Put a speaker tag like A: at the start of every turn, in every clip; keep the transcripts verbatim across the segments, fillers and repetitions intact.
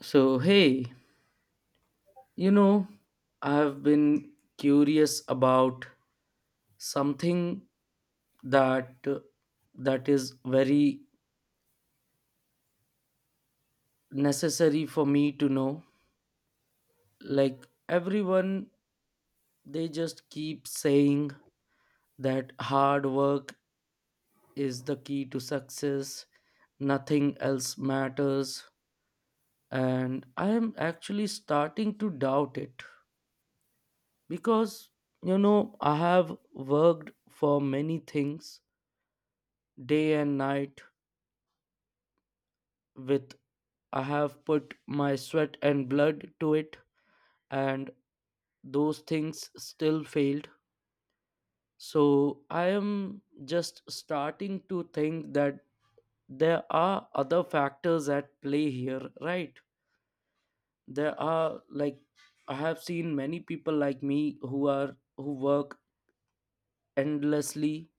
A: So, hey, you know, I've been curious about something that uh, that is very necessary for me to know. Like everyone, they just keep saying that hard work is the key to success, nothing else matters, and I am actually starting to doubt it because you know, I have worked for many things day and night with I have put my sweat and blood to it, and those things still failed. So I am just starting to think that there are other factors at play here, right? There are, like, I have seen many people like me who are who work endlessly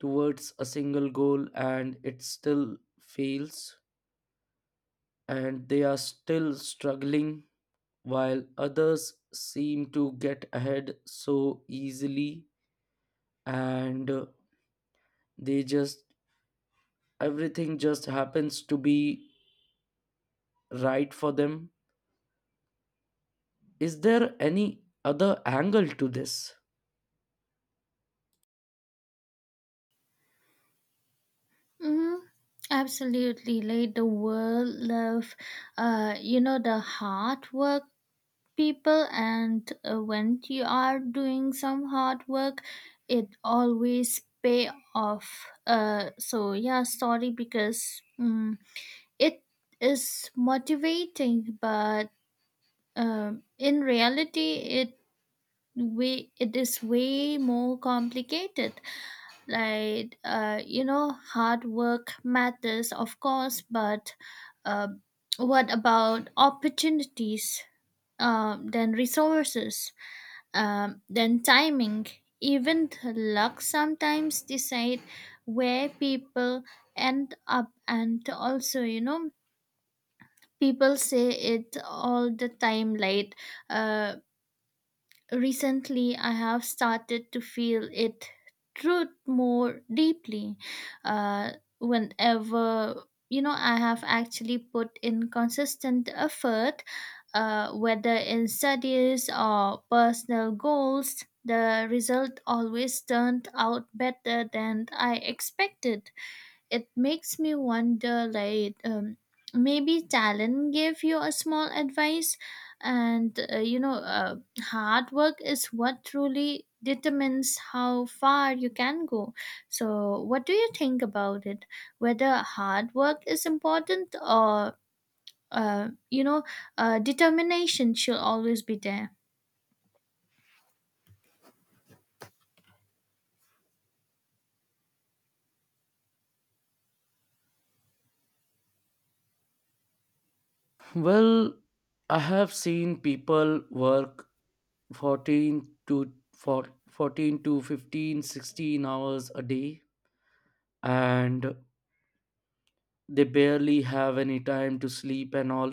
A: towards a single goal, and it still fails, and they are still struggling while others seem to get ahead so easily. And uh, they just everything just happens to be right for them. Is there any other angle to this?
B: Mm-hmm. Absolutely, like the world love, uh, you know, the hard work people, and uh, when you are doing some hard work, it always pay off. Uh, so yeah, sorry because mm it is motivating, but um, in reality, it way it is way more complicated, like uh, you know, hard work matters, of course, but uh, what about opportunities, um, then resources, um, then timing. Even luck sometimes decide where people end up. And also, you know, people say it all the time, like uh, recently I have started to feel it truth more deeply. uh, Whenever, you know, I have actually put in consistent effort, uh, whether in studies or personal goals, the result always turned out better than I expected. It makes me wonder, like, um, maybe talent gave you a small advice, and uh, you know, uh, hard work is what truly determines how far you can go. So, what do you think about it? Whether hard work is important, or uh, you know, uh, determination should always be there.
A: Well, I have seen people work fourteen to for fourteen to fifteen, sixteen hours a day, and they barely have any time to sleep and all,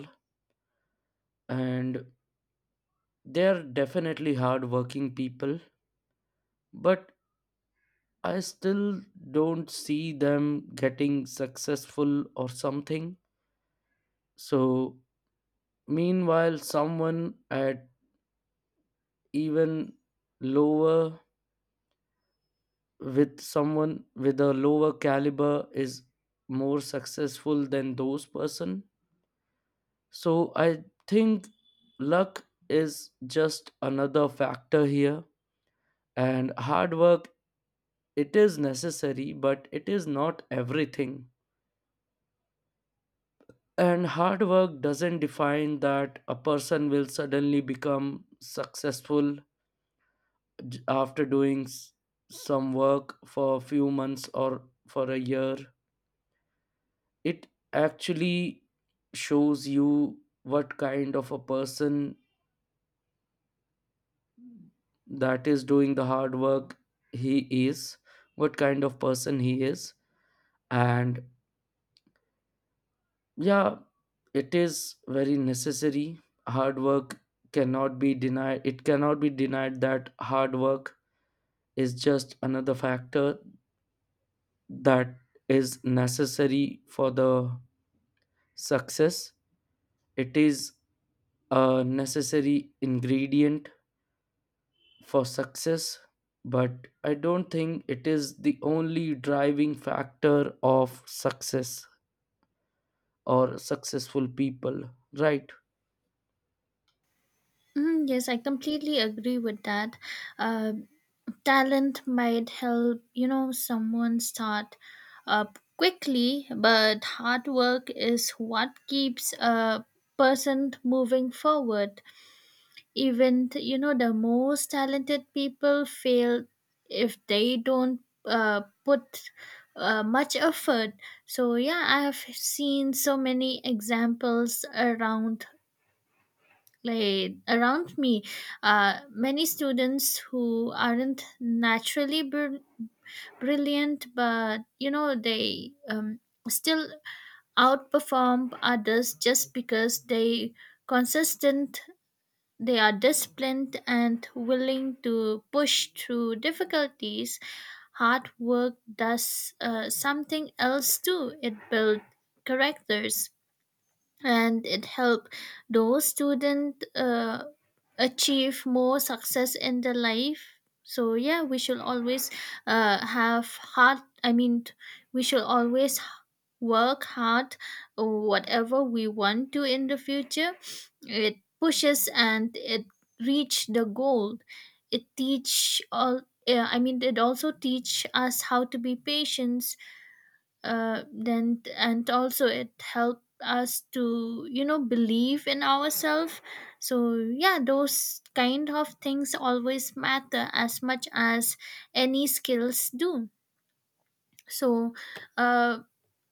A: and they're definitely hardworking people, but I still don't see them getting successful or something. So, meanwhile, someone at even lower with someone with a lower caliber is more successful than those person. So, I think luck is just another factor here, and hard work, it is necessary but it is not everything. And hard work doesn't define that a person will suddenly become successful j- after doing s- some work for a few months or for a year. It actually shows you what kind of a person that is doing the hard work, he is what kind of person he is. And yeah, it is very necessary. Hard work cannot be denied. It cannot be denied that hard work is just another factor that is necessary for the success. It is a necessary ingredient for success, but I don't think it is the only driving factor of success or successful people, right?
B: Mhm, yes, I completely agree with that. Um, Talent might help, you know, someone start up quickly, but hard work is what keeps a person moving forward. Even, you know, the most talented people fail if they don't uh, put uh, much effort. So yeah, I have seen so many examples around, like around me. Uh, many students who aren't naturally brilliant brilliant, but you know they um, still outperform others just because they consistent, they are disciplined and willing to push through difficulties. Hard work does uh, something else too: it builds characters and it help those student uh, achieve more success in their life. So yeah, we should always uh, have hard i mean we should always work hard whatever we want to in the future. It pushes and it reach the goal, it teach all. Yeah, I mean, it also teach us how to be patient, uh, then and also it helped us to, you know, believe in ourselves. So yeah, those kind of things always matter as much as any skills do. So uh,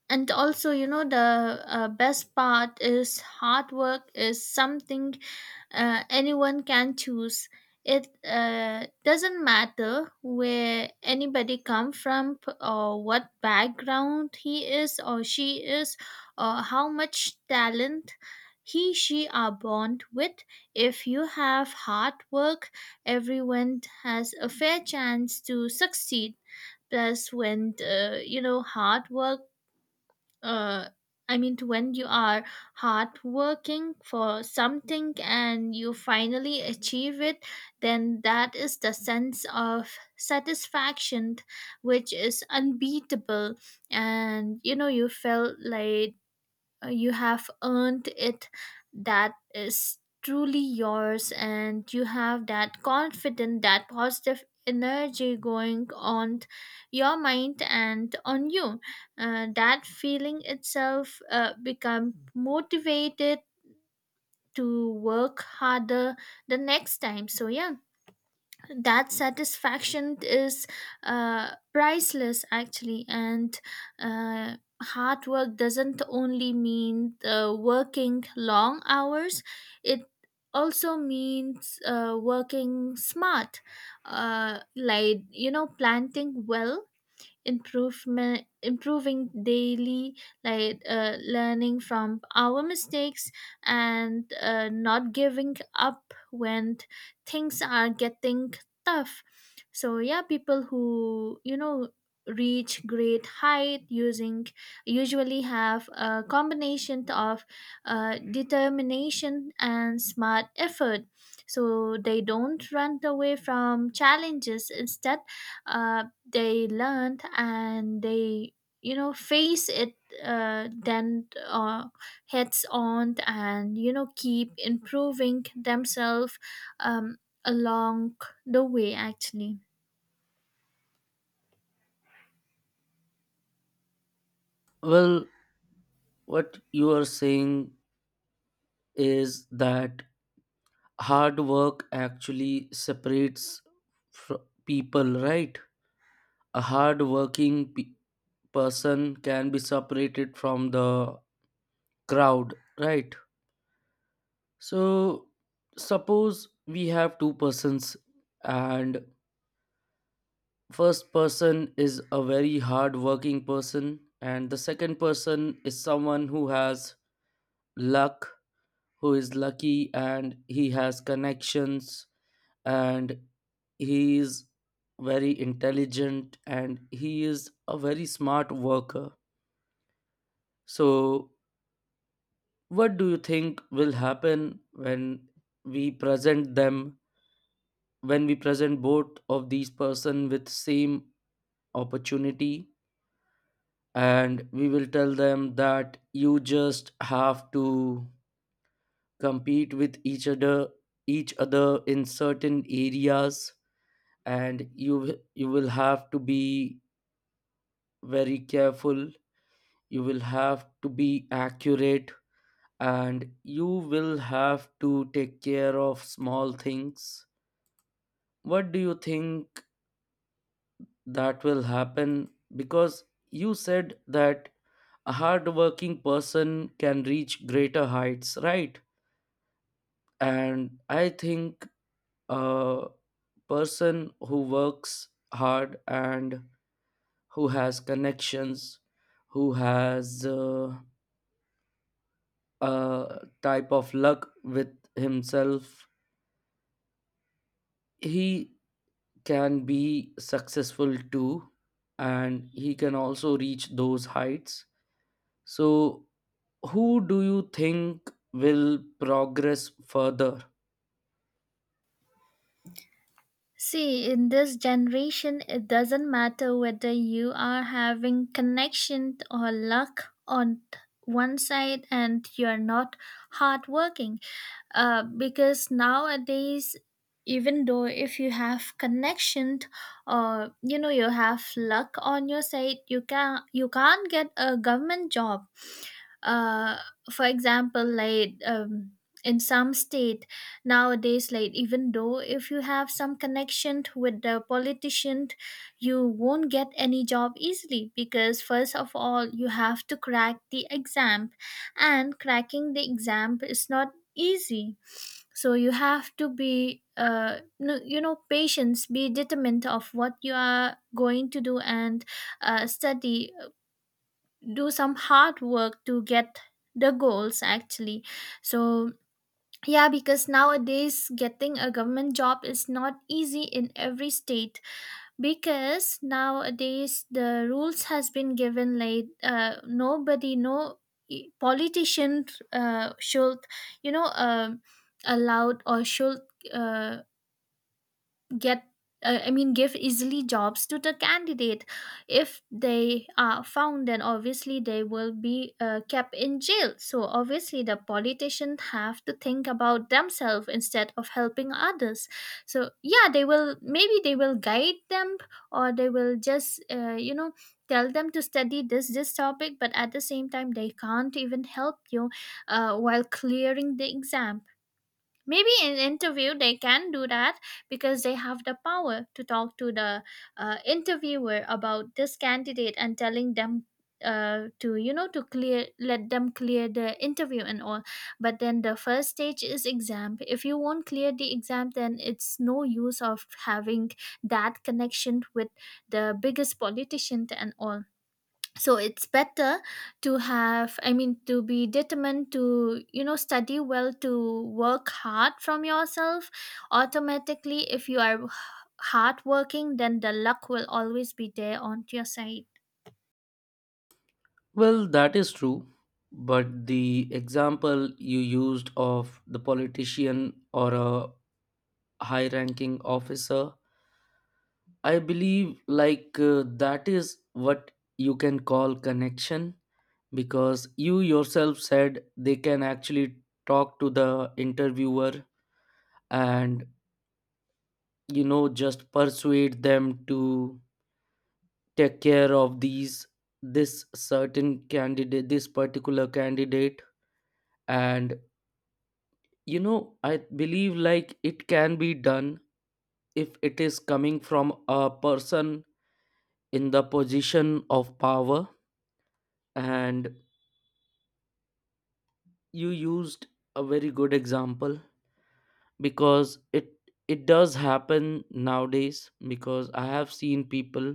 B: and also, you know, the uh, best part is hard work is something uh, anyone can choose. It uh, doesn't matter where anybody come from p- or what background he is or she is, or how much talent he, she are born with. If you have hard work, everyone has a fair chance to succeed. Plus, when uh, you know, hard work, uh, I mean, when you are hard working for something and you finally achieve it, then that is the sense of satisfaction which is unbeatable. And you know, you felt like uh, you have earned it, that is truly yours, and you have that confidence, that positive energy going on your mind and on you. Uh, that feeling itself uh, become motivated to work harder the next time. So yeah, that satisfaction is uh, priceless, actually. And uh, hard work doesn't only mean uh, working long hours, it also means uh, working smart, uh, like, you know, planting well, improvement improving daily, like uh, learning from our mistakes, and uh, not giving up when things are getting tough. So yeah, people who, you know, reach great height using usually have a combination of uh, determination and smart effort. So they don't run away from challenges, instead uh, they learned, and they, you know, face it, uh, then uh, heads on, and you know, keep improving themselves um, along the way, actually.
A: Well, what you are saying is that hard work actually separates fr- people, right? A hard working pe- person can be separated from the crowd, right? So, suppose we have two persons, and first person is a very hard working person, and the second person is someone who has luck, who is lucky, and he has connections, and he is very intelligent, and he is a very smart worker. So, what do you think will happen when we present them, when we present both of these person with same opportunity, and we will tell them that you just have to compete with each other each other in certain areas, and you will- you will have to be very careful, you will have to be accurate, and you will have to take care of small things. What do you think that will happen, because you said that a hardworking person can reach greater heights, right? And I think a person who works hard and who has connections, who has uh, a type of luck with himself, he can be successful too, and he can also reach those heights. So, who do you think will progress further?
B: See, in this generation, it doesn't matter whether you are having connection or luck on one side and you're not hardworking, uh, because nowadays even though if you have connection, or you know, you have luck on your side, you can you can't get a government job. uh, for example, like um, in some state nowadays, like even though if you have some connection with the politician, you won't get any job easily, because first of all you have to crack the exam, and cracking the exam is not easy. So you have to be uh no, you know, patience, be determined of what you are going to do, and uh, study, do some hard work to get the goals, actually. So yeah, because nowadays getting a government job is not easy in every state, because nowadays the rules has been given like uh, nobody, no e- politician uh, should, you know, um allowed, or should uh, get uh, I mean, give easily jobs to the candidate. If they are found, then obviously they will be uh, kept in jail. So obviously the politicians have to think about themselves instead of helping others. So yeah, they will, maybe they will guide them, or they will just uh, you know, tell them to study this this topic, but at the same time they can't even help you uh, while clearing the exam. Maybe in interview they can do that, because they have the power to talk to the uh, interviewer about this candidate and telling them uh, to, you know, to clear let them clear the interview and all. But then the first stage is exam. If you won't clear the exam, then it's no use of having that connection with the biggest politician and all. So it's better to have, I mean, to be determined to, you know, study well, to work hard from yourself. Automatically, if you are hardworking, then the luck will always be there on your side.
A: Well, that is true. But the example you used of the politician or a high ranking officer, I believe, like, uh, that is what you can call connection, because you yourself said they can actually talk to the interviewer and you know just persuade them to take care of these this certain candidate this particular candidate. And you know I believe, like, it can be done if it is coming from a person in the position of power. And you used a very good example, because it it does happen nowadays, because I have seen people.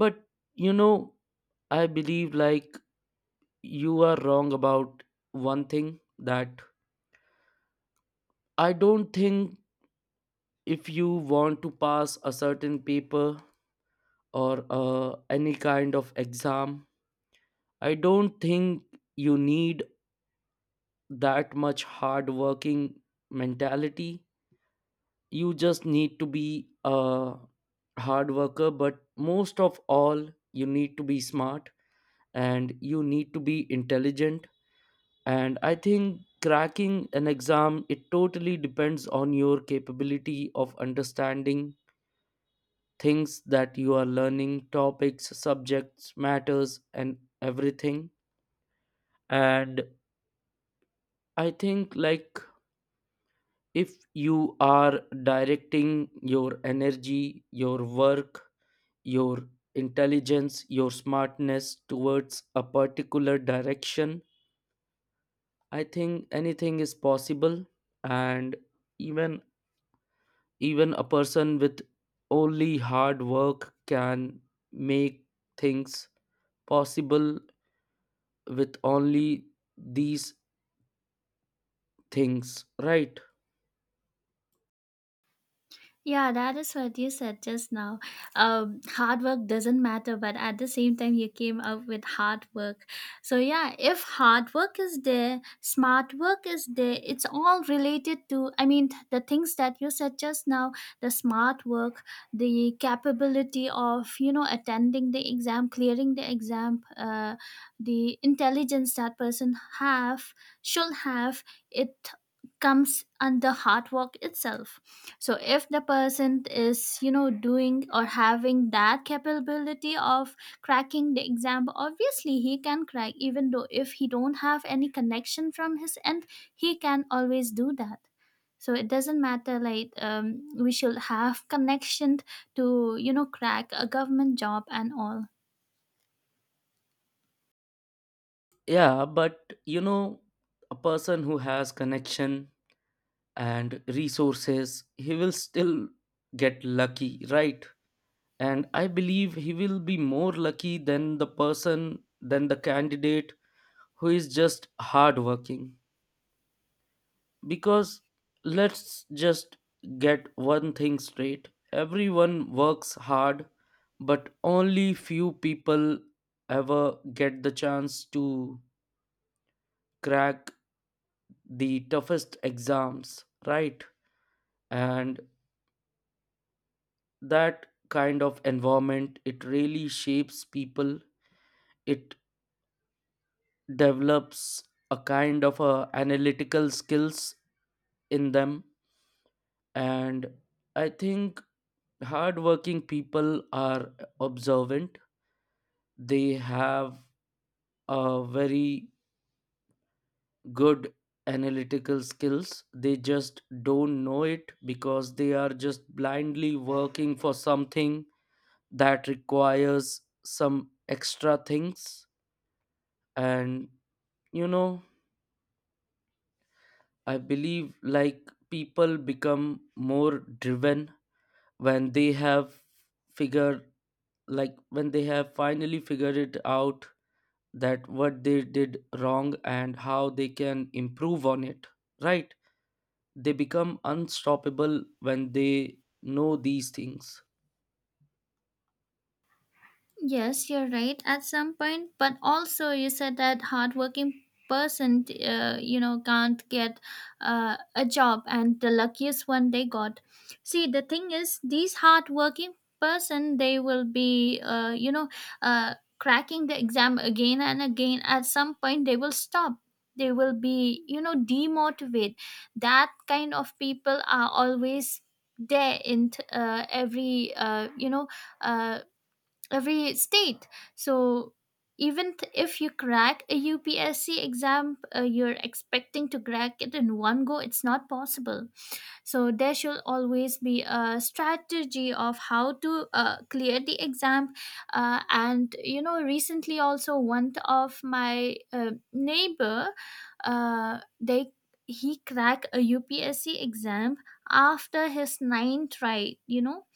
A: But you know I believe, like, you are wrong about one thing, that I don't think, if you want to pass a certain paper or uh, any kind of exam, I don't think you need that much hard working mentality. You just need to be a hard worker, but most of all you need to be smart, and you need to be intelligent. And I think cracking an exam, it totally depends on your capability of understanding things that you are learning, topics, subjects, matters, and everything. And I think, like, if you are directing your energy, your work, your intelligence, your smartness towards a particular direction, I think anything is possible. And even even a person with only hard work can make things possible, with only these things, right?
B: Yeah, that is what you said just now. Um, hard work doesn't matter, but at the same time, you came up with hard work. So, yeah, if hard work is there, smart work is there, it's all related to, I mean, the things that you said just now: the smart work, the capability of, you know, attending the exam, clearing the exam, uh, the intelligence that person have should have. It comes under hard work itself. So if the person is, you know, doing or having that capability of cracking the exam, obviously he can crack, even though if he don't have any connection from his end, he can always do that. So it doesn't matter like um, we should have connection to, you know, crack a government job and all.
A: Yeah, but you know, a person who has connection and resources, he will still get lucky, right? And I believe he will be more lucky than the person than the candidate who is just hardworking, because let's just get one thing straight, everyone works hard, but only few people ever get the chance to crack the toughest exams, right. And that kind of environment, it really shapes people. It develops a kind of a analytical skills in them. And I think hardworking people are observant. They have a very good analytical skills, they just don't know it because they are just blindly working for something that requires some extra things. And you know I believe, like, people become more driven when they have figured like when they have finally figured it out, that what they did wrong and how they can improve on it, right? They become unstoppable when they know these things.
B: Yes, you're right at some point, but also you said that hardworking person, uh, you know, can't get uh, a job, and the luckiest one they got. See, the thing is, these hardworking person, they will be, uh, you know, uh, cracking the exam again and again. At some point, they will stop. They will be, you know, demotivate. That kind of people are always there in t- uh, every, uh, you know, Uh, every state. So even th- if you crack a U P S C exam, uh, you're expecting to crack it in one go. It's not possible. So there should always be a strategy of how to uh, clear the exam. Uh, and you know, recently also one of my uh, neighbor, uh, they he cracked a U P S C exam after his ninth try. You know,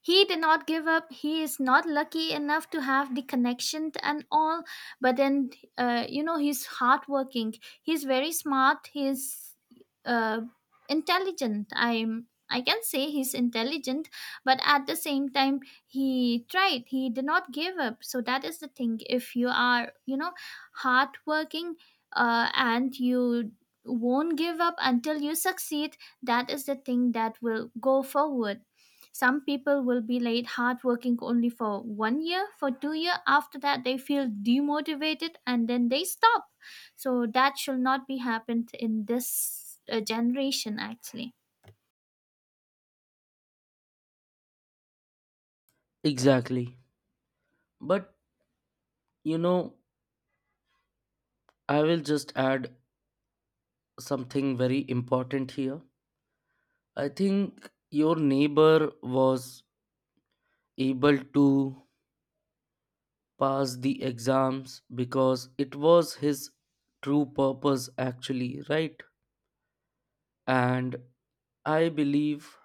B: he did not give up. He is not lucky enough to have the connection and all, but then uh, you know, he's hardworking. He's very smart. He's uh, intelligent. I'm. I can say he's intelligent, but at the same time he tried. He did not give up. So that is the thing. If you are, you know, hardworking, uh, and you won't give up until you succeed, that is the thing that will go forward. Some people will be late hardworking only for one year, for two year. After that, they feel demotivated and then they stop. So that should not be happened in this uh, generation, actually.
A: Exactly. But you know I will just add something very important here. I think your neighbor was able to pass the exams because it was his true purpose, actually, right? And I believe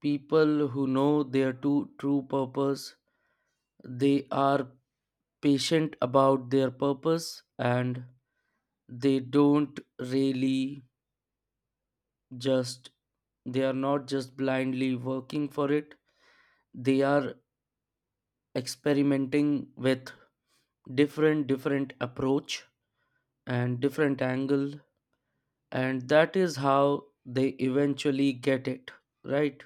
A: people who know their two true purpose, they are patient about their purpose, and they don't really just they are not just blindly working for it. They are experimenting with different different approach and different angle, and that is how they eventually get it, right.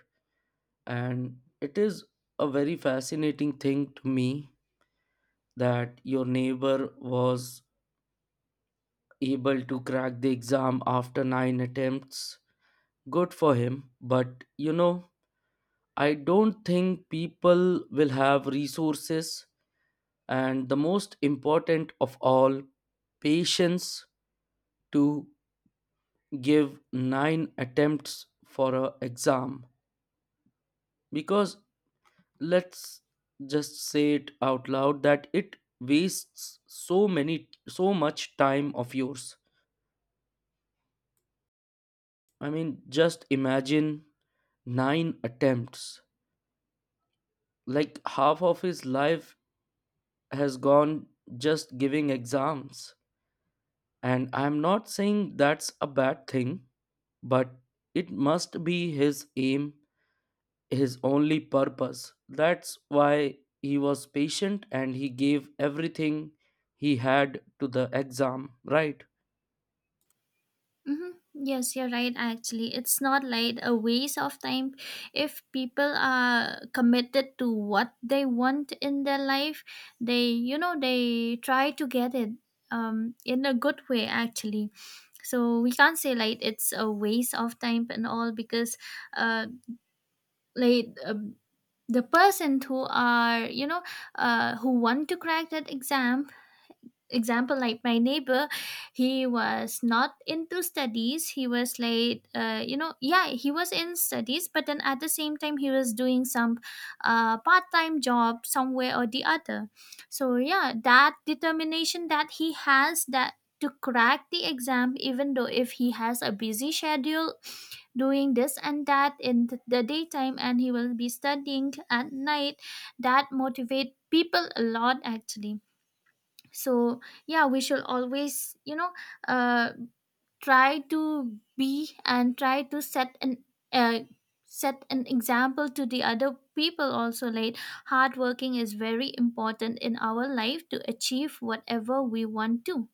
A: And it is a very fascinating thing to me that your neighbor was able to crack the exam after nine attempts. Good for him, but you know I don't think people will have resources, and the most important of all, patience, to give nine attempts for a exam, because let's just say it out loud that it wastes so many so much time of yours. I mean, just imagine, nine attempts, like half of his life has gone just giving exams. And I'm not saying that's a bad thing, but it must be his aim, his only purpose. That's why he was patient and he gave everything he had to the exam, right?
B: Mm-hmm. Yes, you're right. Actually, it's not like a waste of time. If people are committed to what they want in their life, they, you know, they try to get it um, in a good way, actually. So we can't say like it's a waste of time and all, because, uh, like, um the person who are, you know, uh, who want to crack that exam, example like my neighbor. He was not into studies, he was like uh, you know, yeah, he was in studies, but then at the same time he was doing some uh, part-time job somewhere or the other. So yeah, that determination that he has, that to crack the exam even though if he has a busy schedule, doing this and that in th- the daytime, and he will be studying at night, that motivate people a lot, actually. So yeah, we should always, you know, uh, try to be and try to set an uh, set an example to the other people also, like hard working is very important in our life to achieve whatever we want to.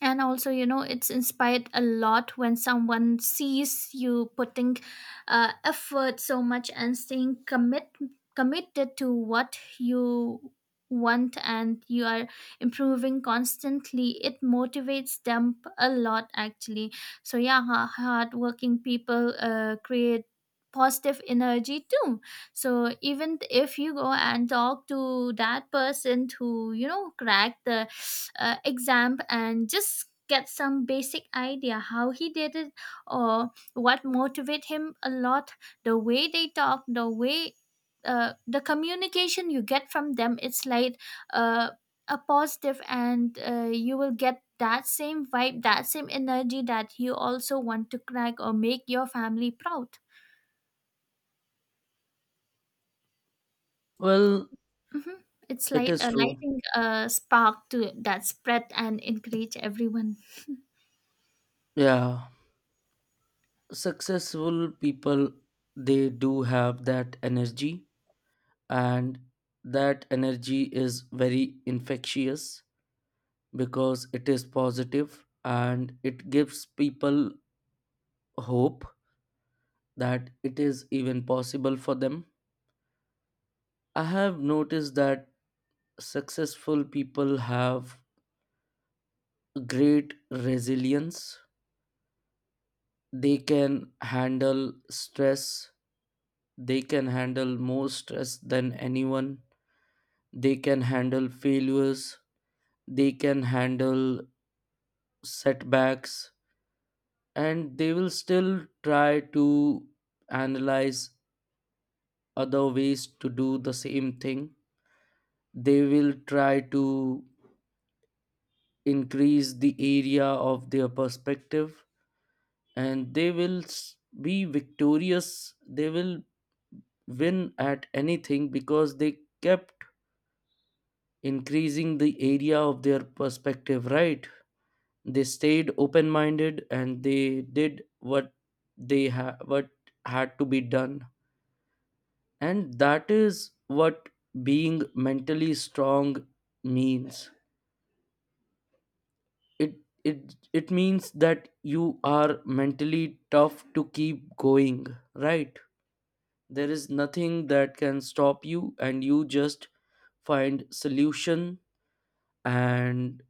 B: And also, you know, it's inspired a lot when someone sees you putting uh, effort so much and staying commit committed to what you want, and you are improving constantly, it motivates them a lot, actually. So yeah, hard working people uh, create positive energy too. So even if you go and talk to that person to, you know, crack the uh, exam and just get some basic idea how he did it, or what motivate him a lot, the way they talk, the way uh, the communication you get from them, it's like uh, a positive, and uh, you will get that same vibe, that same energy, that you also want to crack or make your family proud.
A: Well,
B: Hmm. It's
A: it
B: like
A: is
B: a
A: true.
B: lighting a spark to that spread and encourage everyone.
A: Yeah. Successful people, they do have that energy, and that energy is very infectious because it is positive and it gives people hope that it is even possible for them. I have noticed that successful people have great resilience. They can handle stress, they can handle more stress than anyone. They can handle failures, they can handle setbacks, and they will still try to analyze other ways to do the same thing. They will try to increase the area of their perspective, and they will s- be victorious. They will win at anything because they kept increasing the area of their perspective, right. They stayed open minded, and they did what they ha- what had to be done. And that is what being mentally strong means. It it it means that you are mentally tough to keep going, right. There is nothing that can stop you, and you just find solution. And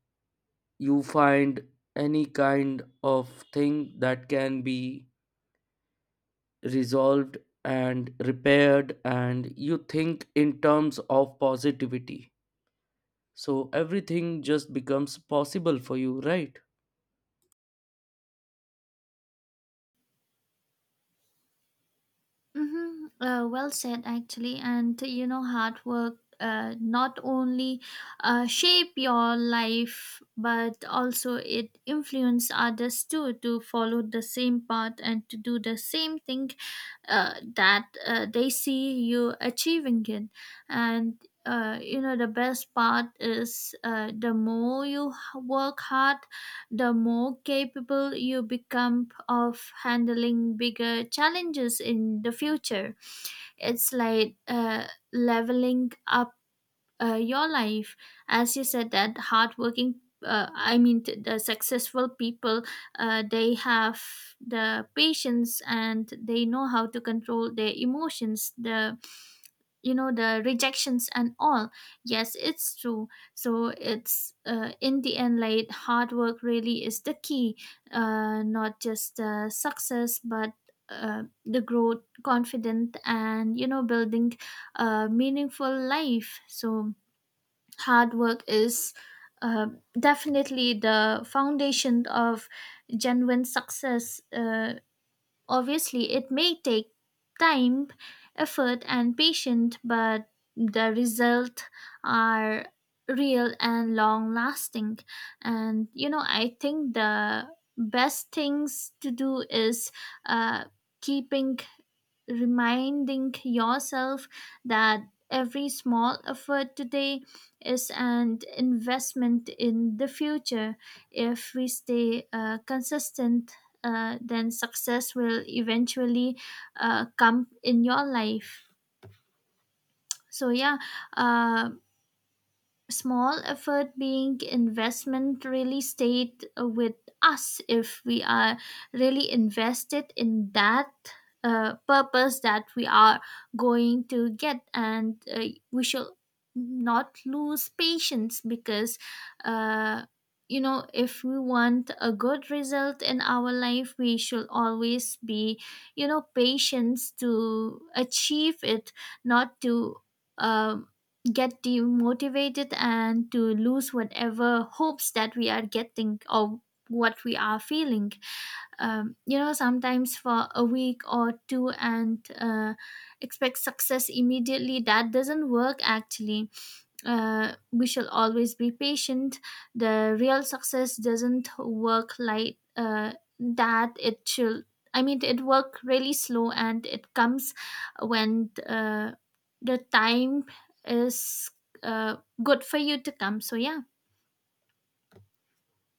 A: you find any kind of thing that can be resolved and repaired, and you think in terms of positivity, so everything just becomes possible for you, right.
B: Mm-hmm. Uh, well said, actually. And you know, hard work uh, not only uh, shape your life, but also it influence others too to follow the same path and to do the same thing uh, that uh, they see you achieving it. And uh, you know, the best part is, uh, the more you h- work hard, the more capable you become of handling bigger challenges in the future. It's like uh, leveling up uh, your life. As you said that hardworking, uh, I mean, th- the successful people, uh, they have the patience and they know how to control their emotions, the, you know, the rejections and all. Yes, it's true. So it's uh, in the end, like hard work really is the key, uh, not just uh, success, but uh, the growth, confident, and you know, building a meaningful life. So hard work is uh, definitely the foundation of genuine success. Uh, obviously, it may take time, effort, and patience, but the results are real and long lasting. And you know, I think the best things to do is uh, keeping reminding yourself that every small effort today is an investment in the future. If we stay uh, consistent, uh, then success will eventually uh, come in your life. So, yeah, uh, small effort being investment really stayed with us, if we are really invested in that uh, purpose that we are going to get, and uh, we shall not lose patience, because uh, you know, if we want a good result in our life, we should always be, you know, patient to achieve it, not to um get demotivated and to lose whatever hopes that we are getting or what we are feeling um, you know, sometimes for a week or two, and uh, expect success immediately, that doesn't work, actually. Uh, we shall always be patient. The real success doesn't work like uh, that. It should. I mean, it work really slow, and it comes when uh, the time is uh, good for you to come. So yeah.